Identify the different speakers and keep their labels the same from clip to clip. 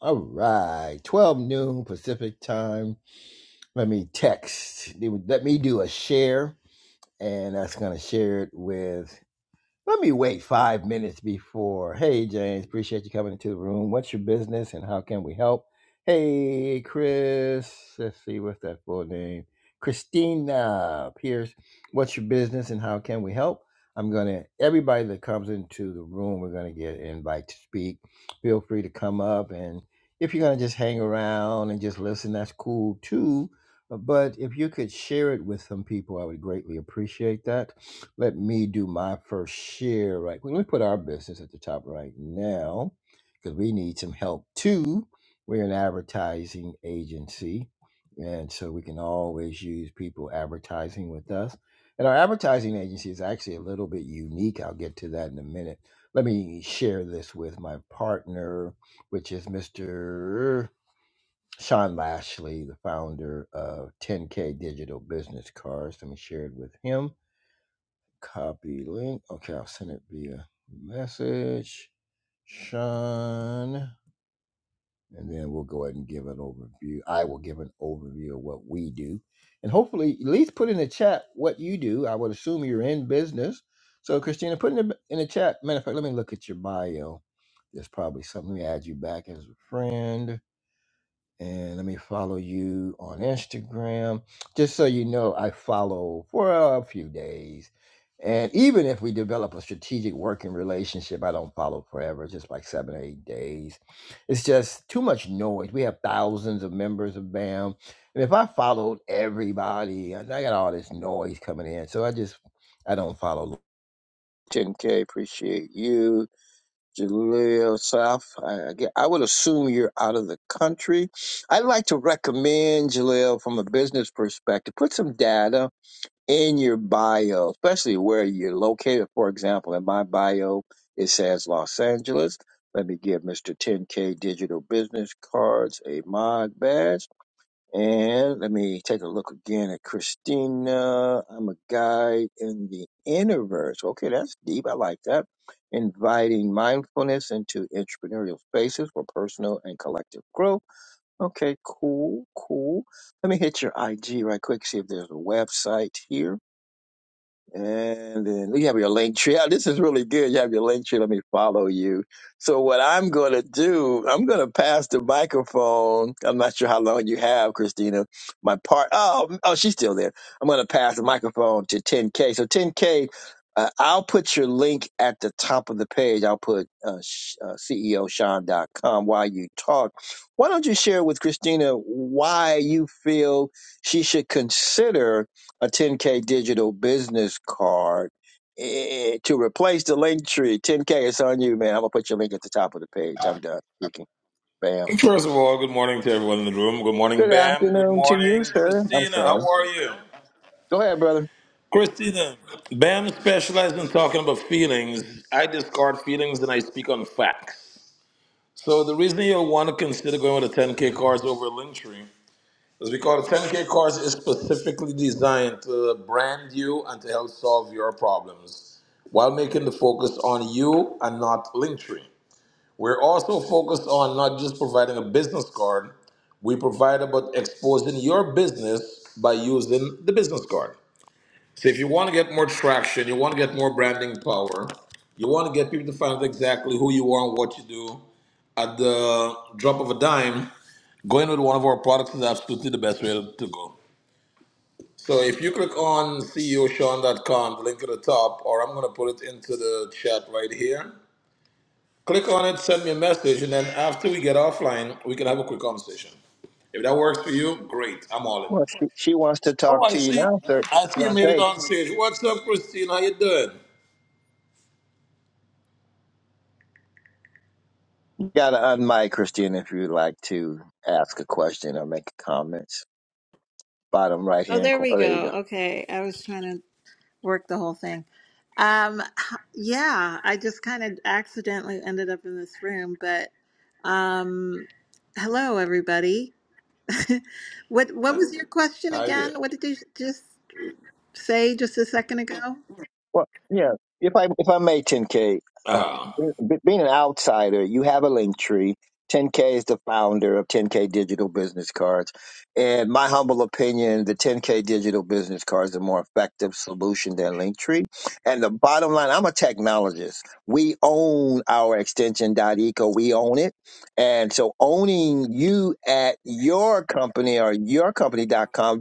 Speaker 1: All right, 12 noon Pacific time. Let me text. Let me do a share, and that's going to share it with let me wait five minutes before. Hey, James, appreciate you coming into the room. What's your business and how can we help? Hey, Chris. Let's see, what's that full name? Christina Pierce. What's your business and how can we help? I'm going to, everybody that comes into the room, we're going to get an invite to speak. Feel free to come up. And if you're going to just hang around and just listen, that's cool too. But if you could share it with some people, I would greatly appreciate that let me do my first share right quick. Let me put our business at the top right now because we need some help too. We're an advertising agency, and so we can always use people advertising with us. And our advertising agency is actually a little bit unique. I'll get to that in a minute. Let me share this with my partner, which is Mr. Sean Lashley, the founder of 10K Digital Business Cards. Let me share it with him Copy link. Okay, I'll send it via message. Sean. And then we'll go ahead and give an overview. I will give an overview of what we do. And hopefully, at least put in the chat what you do. I would assume you're in business. So, Christina, put in the, in the chat. Matter of fact, let me look at your bio. There's probably something. Let me add you back as a friend and let me follow you on Instagram. Just so you know, I follow for a few days. And even if we develop a strategic working relationship, I don't follow forever, It's just like seven or eight days. It's just too much noise. We have thousands of members of BAM. And if I followed everybody, I I got all this noise coming in. So I just, I don't follow. 10K, appreciate you. Jaleel South. I, I, get- I would assume you're out of the country. I'd like to recommend Jaleel from a business perspective. Put some data in your bio, especially where you're located. For example, in my bio, it says Los Angeles. Let me give Mr. 10K Digital Business Cards a mod badge. And let me take a look again at Christina. I'm a guide in the inner verse. Okay, that's deep. I like that. Inviting mindfulness into entrepreneurial spaces for personal and collective growth. Okay, cool, cool. Let me hit your IG right quick, see if there's a website here. And then you have your link tree. Ah, This is really good. You have your link tree. Let me follow you. So what I'm going to do, I'm going to pass the microphone. I'm not sure how long you have, Christina. My part. Oh, oh, she's still there. I'm going to pass the microphone to 10K. So 10K, uh, I'll put your link at the top of the page. I'll put uh, sh- uh, CEOSean.com while you talk. Why don't you share with Christina why you feel she should consider a 10K digital business card eh, eh, to replace the link tree. 10K is on you, man. I'm going to put your link at the top of the page. I'm done speaking. Bam.
Speaker 2: First of all, good morning to everyone in the room. Good morning,
Speaker 1: Good
Speaker 2: Bam. Good
Speaker 1: afternoon to
Speaker 2: morning,
Speaker 1: you, sir. I'm
Speaker 2: Christina. How
Speaker 1: sorry.
Speaker 2: are you?
Speaker 1: Go ahead, brother.
Speaker 2: Christina, Bam specializes in talking about feelings. I discard feelings and I speak on facts. So the reason you'll want to consider going with a 10K course over a Linktree is because 10K course is specifically designed to brand you and to help solve your problems while making the focus on you and not Linktree. We're also focused on not just providing a business card, we provide about exposing your business by using the business card. So if you want to get more traction, you want to get more branding power, you want to get people to find out exactly who you are and what you do, at the drop of a dime, going with one of our products is absolutely the best way to go. So if you click on CEOSean.com, the link at the top, or I'm going to put it into the chat right here. Click on it, send me a message, and then after we get offline, we can have a quick conversation. If that works for you, great. I'm all
Speaker 1: Well,
Speaker 2: in.
Speaker 1: she, she wants to
Speaker 2: Oh,
Speaker 1: talk
Speaker 2: I
Speaker 1: to you
Speaker 2: see.
Speaker 1: now, sir.
Speaker 2: I see
Speaker 1: She's
Speaker 2: you
Speaker 1: on
Speaker 2: made it
Speaker 1: stage.
Speaker 2: on stage. What's up, Christine? How you doing?
Speaker 1: You got to unmic, Christine, if you'd like to ask a question or make comments. Bottom right
Speaker 3: Oh,
Speaker 1: hand
Speaker 3: there
Speaker 1: corner.
Speaker 3: we
Speaker 1: Oh, there you go.
Speaker 3: go. Okay. I was trying to work the whole thing. Um, h- yeah, I just kind of accidentally ended up in this room, but um, hello everybody. What what was your question
Speaker 2: Hi there.
Speaker 3: again? What did you just say just a second ago?
Speaker 1: Well, yeah. If I if I may, 10K, uh,
Speaker 2: uh
Speaker 1: be- being an outsider, you have a link tree. 10K is the founder of 10K Digital Business Cards, and my humble opinion, the 10K Digital Business Cards are more effective solution than Linktree. And the bottom line, I'm a technologist. We own our extension.eco. We own it, and so owning you at your company or yourcompany.com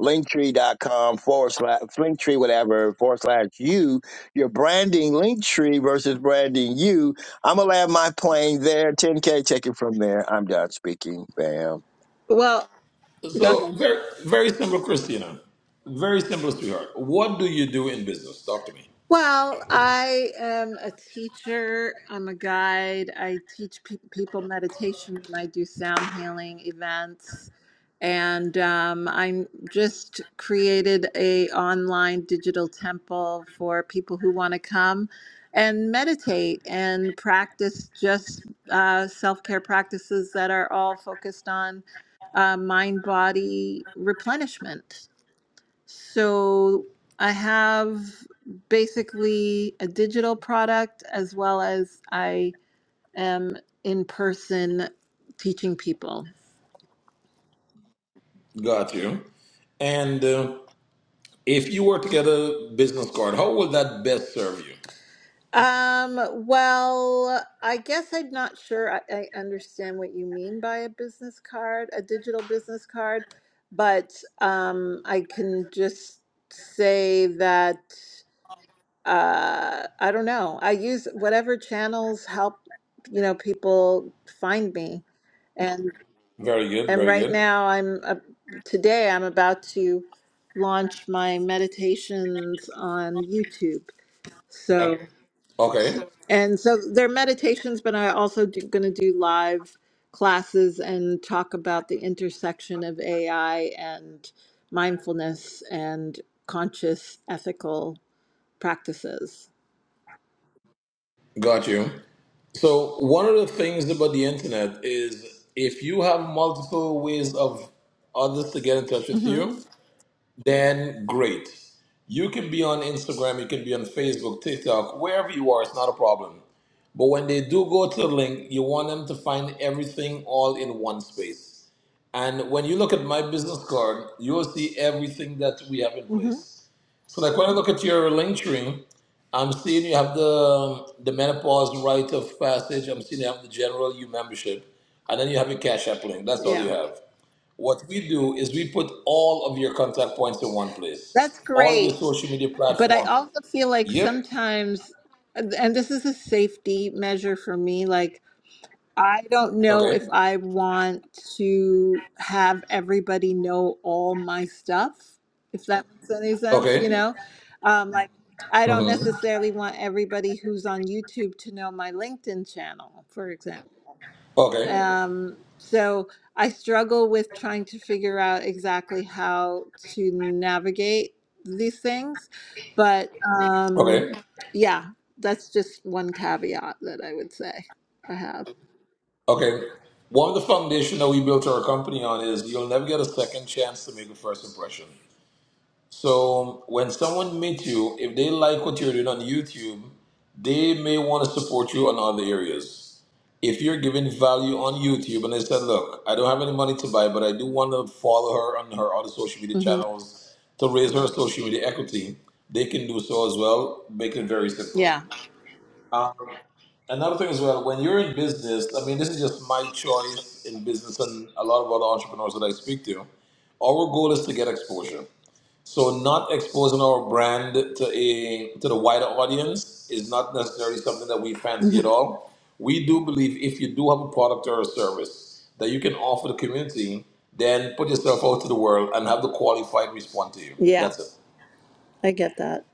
Speaker 1: linktree.com forward slash linktree whatever forward slash you you're branding linktree versus branding you i'm gonna land my plane there 10k take it from there i'm done speaking bam
Speaker 3: Well, go ahead.
Speaker 2: So very, very simple, Christina. Very simple, sweetheart. What do you do in business? Talk to me.
Speaker 3: Well, I am a teacher. I'm a guide. I teach pe- people meditation and I do sound healing events. And um, I'm just created a online digital temple for people who want to come and meditate and practice just uh, self care practices that are all focused on uh, mind body replenishment. So I have basically a digital product as well as I am in person teaching people.
Speaker 2: Got you. And uh, if you were to get a business card, how will that best serve you?
Speaker 3: Um, well, I guess I'm not sure I, I understand what you mean by a business card, a digital business card, but um, I can just say that uh, I don't know. I use whatever channels help, you know, people find me. And
Speaker 2: Very good.
Speaker 3: and
Speaker 2: Very
Speaker 3: right
Speaker 2: good.
Speaker 3: now I'm uh, today I'm about to launch my meditations on YouTube. So Okay.
Speaker 2: Okay.
Speaker 3: and so they're meditations, but I also do, going to do live classes and talk about the intersection of AI and mindfulness and conscious ethical practices.
Speaker 2: Got you. So one of the things about the internet is if you have multiple ways of others to get in touch with
Speaker 3: hmm
Speaker 2: you, then great. You can be on Instagram, you can be on Facebook, TikTok, wherever you are, it's not a problem. But when they do go to the link, you want them to find everything all in one space. And when you look at my business card, you will see everything that we have in
Speaker 3: hmm
Speaker 2: place. So like when I look at your link tree, I'm seeing you have the um, the menopause rite of passage. I'm seeing you have the general E U membership, and then you have your Cash App link. That's all you
Speaker 3: Yeah,
Speaker 2: have. What we do is we put all of your contact points in one
Speaker 3: that's
Speaker 2: place, all of your
Speaker 3: great.
Speaker 2: social media
Speaker 3: But I
Speaker 2: platform.
Speaker 3: also feel like
Speaker 2: Yep.
Speaker 3: sometimes, and this is a safety measure for me, like I don't know
Speaker 2: Okay.
Speaker 3: if I want to have everybody know all my stuff, if that makes any sense, you
Speaker 2: Okay.
Speaker 3: know? Um, like, I don't
Speaker 2: hmm
Speaker 3: necessarily want everybody who's on YouTube to know my LinkedIn channel, for example.
Speaker 2: Okay.
Speaker 3: Um, so I struggle with trying to figure out exactly how to navigate these things. But um,
Speaker 2: Okay.
Speaker 3: yeah, that's just one caveat that I would say I have.
Speaker 2: Okay. One of the foundation that we built our company on is you'll never get a second chance to make a first impression. So when someone meets you, if they like what you're doing on YouTube, they may want to support you on other areas. If you're giving value on YouTube and they said, look, I don't have any money to buy, but I do want to follow her on her other social media
Speaker 3: hmm
Speaker 2: channels to raise her social media equity, they can do so as well. Make it very simple.
Speaker 3: Yeah.
Speaker 2: Um, another thing as well, when you're in business, I mean, this is just my choice in business and a lot of other entrepreneurs that I speak to. Our goal is to get exposure so not exposing our brand to a to the wider audience is not necessarily something that we fancy at
Speaker 3: hmm
Speaker 2: all. We do believe if you do have a product or a service that you can offer the community, then put yourself out to the world and have the qualified respond to you.
Speaker 3: Yeah,
Speaker 2: That's it.
Speaker 3: I get that.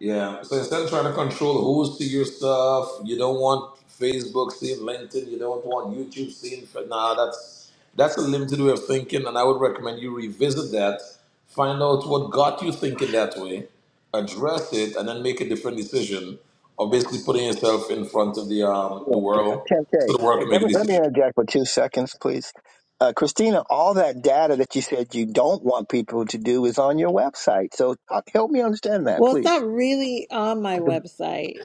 Speaker 2: Yeah. So instead of trying to control who's see your stuff, you don't want Facebook seeing LinkedIn, you don't want YouTube seeing. Nah, that's that's a limited way of thinking, and I would recommend you revisit that, find out what got you thinking that way, address it, and then make a different decision of basically putting yourself in front of the um
Speaker 1: Yeah,
Speaker 2: the world
Speaker 1: 10k
Speaker 2: so the world
Speaker 1: Hey,
Speaker 2: can
Speaker 1: let
Speaker 2: make a
Speaker 1: me let me
Speaker 2: decision.
Speaker 1: interject for two seconds please uh, christina all that data that you said you don't want people to do is on your website so uh, help me understand that
Speaker 3: Well, it's
Speaker 1: please
Speaker 3: not really on my website.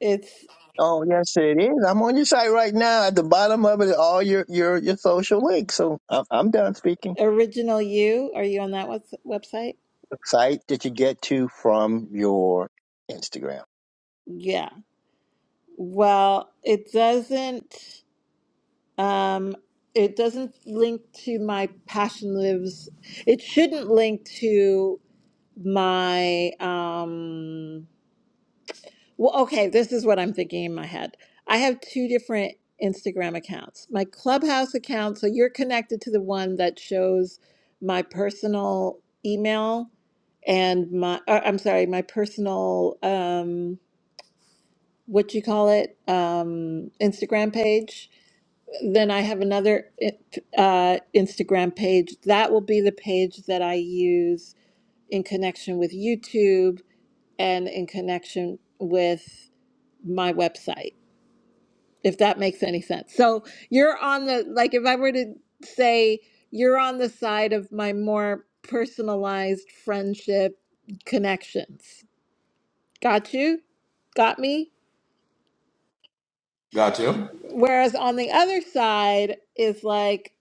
Speaker 3: It's
Speaker 1: Oh yes, it is. I'm on your site right now. At the bottom of it, are all your your your social links. So I'm, I'm done speaking.
Speaker 3: Original You. Are you on that webs- website?
Speaker 1: The site that you get to from your Instagram.
Speaker 3: Yeah. Well, it doesn't. Um, it doesn't link to my passion lives. It shouldn't link to my. Um, well, okay, this is what I'm thinking in my head. I have two different Instagram accounts. My Clubhouse account, so you're connected to the one that shows my personal email and my. Or, I'm sorry, my personal. Um, what you call it? Um, Instagram page then I have another uh, Instagram page. That will be the page that I use in connection with YouTube and in connection with my website, if that makes any sense. So you're on the, like, if I were to say you're on the side of my more personalized friendship connections. Got you? Got me?
Speaker 2: Got you.
Speaker 3: Whereas on the other side is like,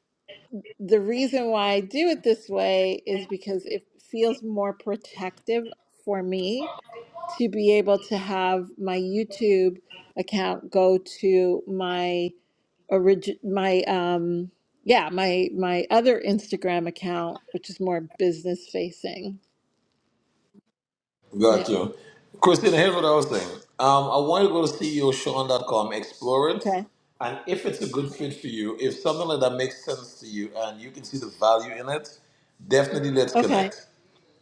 Speaker 3: the reason why I do it this way is because it feels more protective for me to be able to have my YouTube account go to my origin my um yeah my my other Instagram account which is more business facing. Yeah.
Speaker 2: Got you. Christina, here's what I was saying. Um, I want you to go to CEOSean.com, explore it,
Speaker 3: Okay.
Speaker 2: and if it's a good fit for you, if something like that makes sense to you and you can see the value in it, definitely let's
Speaker 3: Okay.
Speaker 2: connect.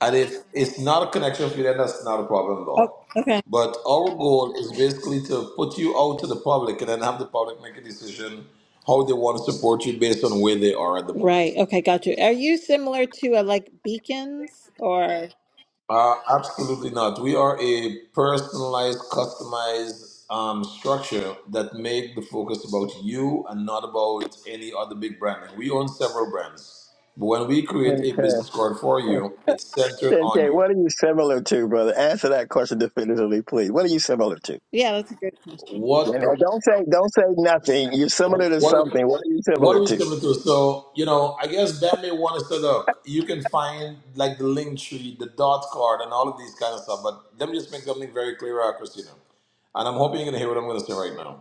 Speaker 2: And if it's not a connection for you, then that's not a problem at
Speaker 3: Oh,
Speaker 2: all.
Speaker 3: okay.
Speaker 2: But our goal is basically to put you out to the public and then have the public make a decision how they want to support you based on where they are at the
Speaker 3: Right.
Speaker 2: moment.
Speaker 3: Okay, got you. Are you similar to a like beacons or
Speaker 2: Uh, absolutely not. We are a personalized, customized um, structure that make the focus about you and not about any other big brand. And we own several brands, but when we create a
Speaker 1: Okay.
Speaker 2: business card for you, it's centered on
Speaker 1: Okay.
Speaker 2: you.
Speaker 1: What are you similar to, brother? Answer that question definitively, please. What are you similar to?
Speaker 3: yeah, that's a good question.
Speaker 2: What
Speaker 1: And uh, don't say don't say nothing. You're similar to
Speaker 2: what
Speaker 1: something. What are you
Speaker 2: what are
Speaker 1: similar
Speaker 2: we
Speaker 1: to?
Speaker 2: similar to? So you know, I guess Dan may want to set up. You can find like the link tree, the dot card, and all of these kind of stuff. But let me just make something very clear, uh, Christina. And I'm hoping you're gonna hear what I'm gonna say right now.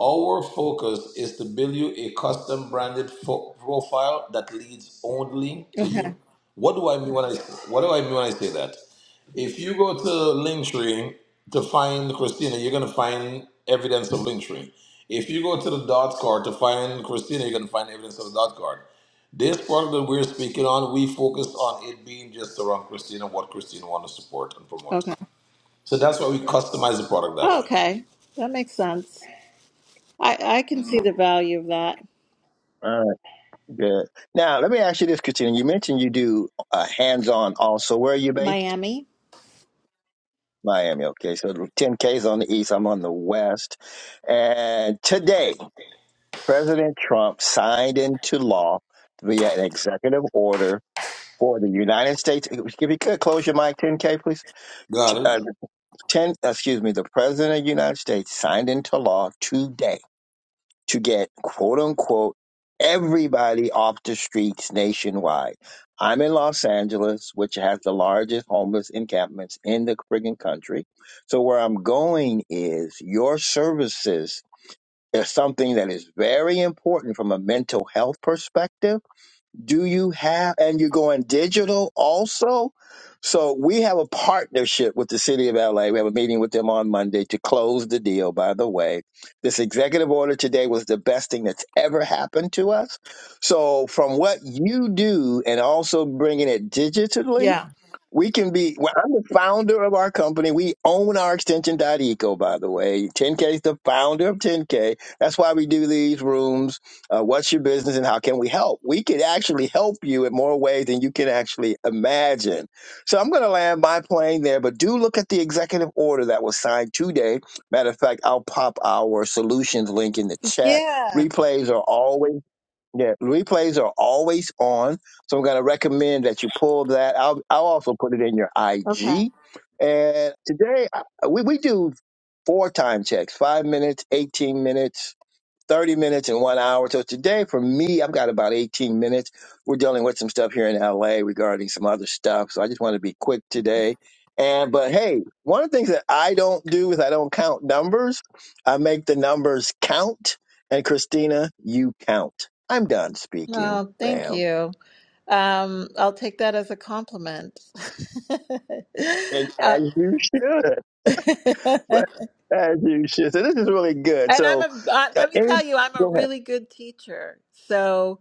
Speaker 2: Our focus is to build you a custom branded fo- profile that leads only to
Speaker 3: Okay.
Speaker 2: you. What do I mean when I what do I mean when I say that? If you go to Linktree to find Christina, you're gonna find evidence of Linktree. If you go to the dot card to find Christina, you're gonna find evidence of the dot card. This product that we're speaking on, we focus on it being just around Christina, what Christina wants to support and promote.
Speaker 3: Okay.
Speaker 2: So that's why we customize the product that
Speaker 3: Oh,
Speaker 2: way.
Speaker 3: okay. That makes sense. I, I can see the value of that.
Speaker 1: All right. Good. Now let me ask you this, Christina. You mentioned you do uh, hands-on also. Where are you based?
Speaker 3: Miami.
Speaker 1: Miami. Okay, so 10K is on the east. I'm on the west. And today, President Trump signed into law via an executive order for the United States. If you could close your mic, 10K, please.
Speaker 2: Got it?
Speaker 1: Uh, 10. Excuse me. The President of the United States signed into law today to get quote unquote everybody off the streets nationwide. I'm in Los Angeles, which has the largest homeless encampments in the friggin' country. So where I'm going is your services is something that is very important from a mental health perspective do you have, and you're going digital also? So we have a partnership with the city of LA. We have a meeting with them on Monday to close the deal, by the way. This executive order today was the best thing that's ever happened to us. So from what you do and also bringing it digitally,
Speaker 3: Yeah.
Speaker 1: we can be. Well, I'm the founder of our company. We own our extension.eco, by the way. 10K is the founder of 10K. That's why we do these rooms. Uh, what's your business and how can we help? We can actually help you in more ways than you can actually imagine. So I'm going to land my plane there, but do look at the executive order that was signed today. Matter of fact, I'll pop our solutions link in the chat.
Speaker 3: Yeah.
Speaker 1: Replays are always yeah, replays are always on. So I'm going to recommend that you pull that. I'll, I'll also put it in your
Speaker 3: Okay.
Speaker 1: IG. And today I- we, we do four time checks five minutes, 18 minutes, 30 minutes and one hour. So today for me, I've got about 18 minutes. We're dealing with some stuff here in LA regarding some other stuff. So I just want to be quick today. And, but hey, one of the things that I don't do is I don't count numbers. I make the numbers count. And Christina, you count. I'm done speaking.
Speaker 3: No, thank
Speaker 1: Bam.
Speaker 3: you. Um, I'll take that as a compliment.
Speaker 1: And
Speaker 3: Uh,
Speaker 1: as you should.
Speaker 3: and
Speaker 1: As you should. So this is really good.
Speaker 3: I'm
Speaker 1: So
Speaker 3: a, uh,
Speaker 1: uh,
Speaker 3: let me
Speaker 1: any,
Speaker 3: tell you, I'm a
Speaker 1: go ahead.
Speaker 3: really good teacher. So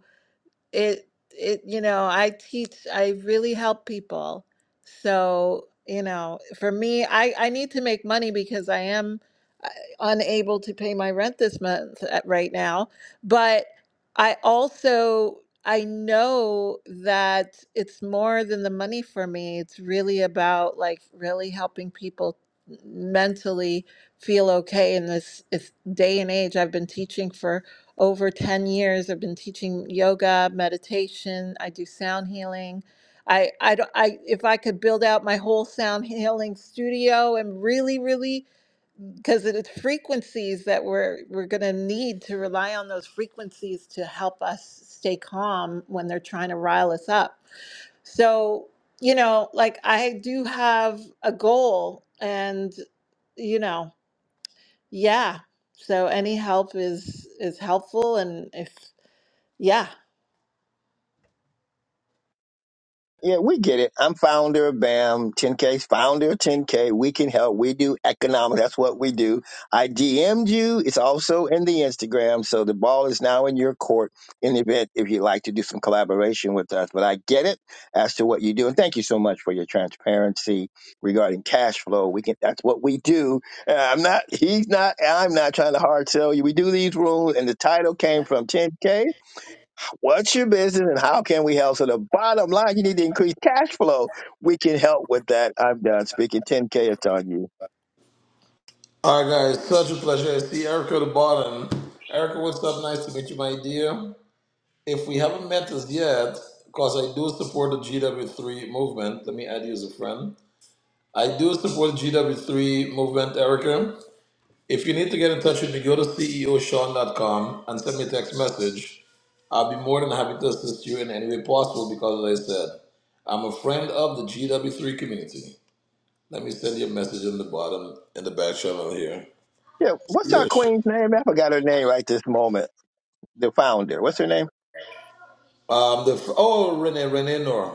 Speaker 3: it it you know i teach i really help people so you know for me i i need to make money because i am uh, unable to pay my rent this month at, right now but i also i know that it's more than the money for me it's really about like really helping people mentally feel okay in this it's day and age i've been teaching for over 10 years i've been teaching yoga meditation i do sound healing i i don't i if i could build out my whole sound healing studio and really really because it's frequencies that we're we're going to need to rely on those frequencies to help us stay calm when they're trying to rile us up so you know like i do have a goal and you know yeah so any help is is helpful and if yeah.
Speaker 1: Yeah, we get it. I'm founder of BAM 10K's founder of 10K. We can help. We do economics. That's what we do. I DM'd you. It's also in the Instagram. So the ball is now in your court in the event if you'd like to do some collaboration with us. But I get it as to what you do. And thank you so much for your transparency regarding cash flow. We can that's what we do. Uh, I'm not he's not I'm not trying to hard sell you. We do these rules and the title came from 10K What's your business and how can we help? So the bottom line, you need to increase cash flow. We can help with that. I'm done speaking. 10K it's on you.
Speaker 2: All right, guys, such a pleasure. I see Erica at the bottom. Erica, what's up? Nice to meet you, my dear. If we haven't met us yet, because I do support the GW3 movement, let me add you as a friend. I do support the GW3 movement, Erica. If you need to get in touch with me, go to ceoshawn.com and send me a text message. I'll be more than happy to assist you in any way possible because, as I said, I'm a friend of the GW3 community. Let me send you a message in the bottom, in the back channel here.
Speaker 1: Yeah, what's our
Speaker 2: Yes.
Speaker 1: queen's name? I forgot her name right this moment. The founder. What's her name?
Speaker 2: Um, the f- oh Renee Renee Nora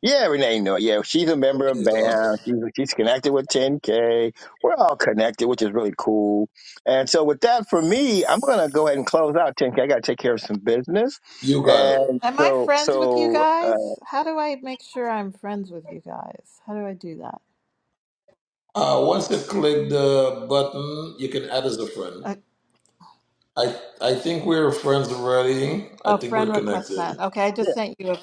Speaker 1: Yeah, Renee Noor. Yeah, she's a member of
Speaker 2: Renee is awesome.
Speaker 1: BAM. She's, she's connected with 10K. We're all connected, which is really cool. And so with that, for me, I'm going to go ahead and close out 10K. I got to take care of some business.
Speaker 2: You got it.
Speaker 1: And
Speaker 3: Am I
Speaker 1: so,
Speaker 3: friends with you
Speaker 1: so,
Speaker 3: guys?
Speaker 1: uh,
Speaker 3: How do I make sure I'm friends with you guys? How do I do that?
Speaker 2: Uh, once you click the button, you can add as a friend.
Speaker 3: Uh,
Speaker 2: I I think we're friends already.
Speaker 3: A,
Speaker 2: I
Speaker 3: oh,
Speaker 2: think we're
Speaker 3: friend request
Speaker 2: connected.
Speaker 3: sent. Okay, I just sent you a.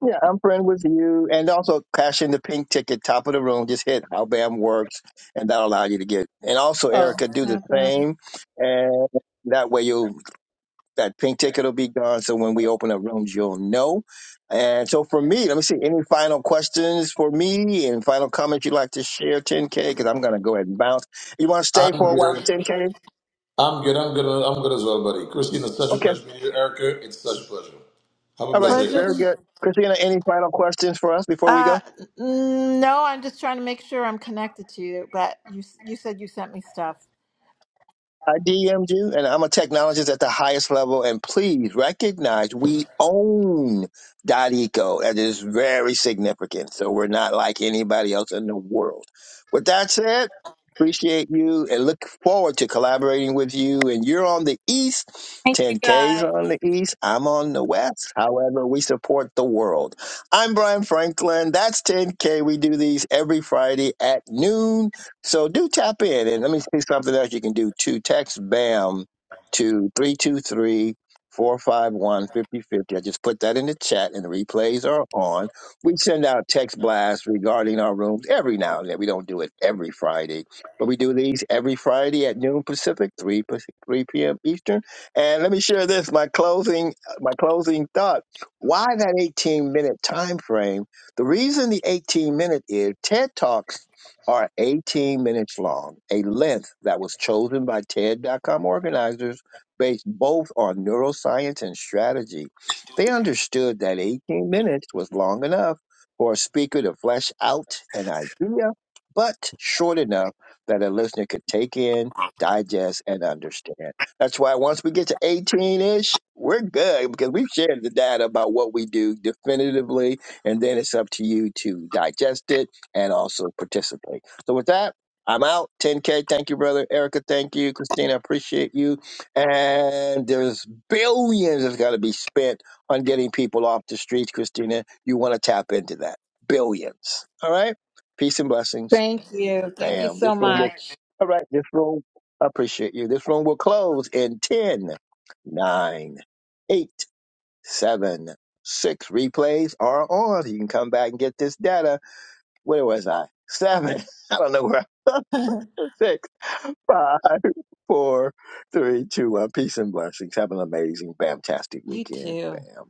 Speaker 1: Yeah, I'm friend with you. And also cash in the pink ticket, top of the room. Just hit how BAM works, and that'll allow you to get. And also,
Speaker 3: Oh,
Speaker 1: Erica, do the
Speaker 3: outbound.
Speaker 1: same. And that way, you'll that pink ticket will be gone. So when we open up rooms, you'll know. And so for me, let me see any final questions for me and final comments you'd like to share, 10K, because I'm going to go ahead and bounce. You want to stay for a
Speaker 2: I'm
Speaker 1: while,
Speaker 2: good.
Speaker 1: 10K?
Speaker 2: I'm good. I'm good. I'm good as well, buddy. Christine, it's such a
Speaker 1: Okay.
Speaker 2: pleasure meeting you. Erica, it's such a pleasure. Have a
Speaker 1: All right.
Speaker 2: blessed day,
Speaker 3: Pleasure.
Speaker 1: Very
Speaker 2: guys.
Speaker 3: to-
Speaker 1: good. Christina, any final questions for us before we
Speaker 3: Uh,
Speaker 1: go?
Speaker 3: n- no, I'm just trying to make sure I'm connected to you. But you, s- you said you sent me stuff.
Speaker 1: I DM'd you, and I'm a technologist at the highest level. And please recognize we own .eco. That is very significant. So we're not like anybody else in the world. With that said, appreciate you and look forward to collaborating with you. And you're on the East,
Speaker 3: Thank you,
Speaker 1: 10K's
Speaker 3: guys.
Speaker 1: on the East. I'm on the West. However, we support the world. I'm Brian Franklin. That's 10K. We do these every Friday at noon. So do tap in and let me see something else you can do too. Text BAM to 323 I just put that in the chat and the replays are on. We send out text blasts regarding our rooms every now and then. We don't do it every Friday, but we do these every Friday at noon Pacific, 3, Pac- 3 p.m. Eastern. And let me share this my closing my closing thought. Why that 18 minute time frame? The reason the 18 minute is TED Talks are 18 minutes long, a length that was chosen by TED.com organizers based both on neuroscience and strategy. They understood that 18 minutes was long enough for a speaker to flesh out an idea, but short enough that a listener could take in, digest, and understand. That's why once we get to 18 ish, we're good because we've shared the data about what we do definitively, and then it's up to you to digest it and also participate. So with that, I'm out. 10K, thank you, brother. Erica, thank you. Christina, appreciate you. And there's billions that's got to be spent on getting people off the streets, Christina. You want to tap into that. Billions. All right? Peace and blessings.
Speaker 3: Thank you. Thank you
Speaker 1: Bam.
Speaker 3: so
Speaker 1: This room will,
Speaker 3: much.
Speaker 1: all right, this room, I appreciate you. This room will close in 10, 9, 8, 7, 6. Replays are on. You can come back and get this data where was I? Seven. I don't know where. I Six, five, four, three, two, one. Peace and blessings. Have an amazing, fantastic
Speaker 3: you
Speaker 1: weekend.
Speaker 3: too.
Speaker 1: Bam.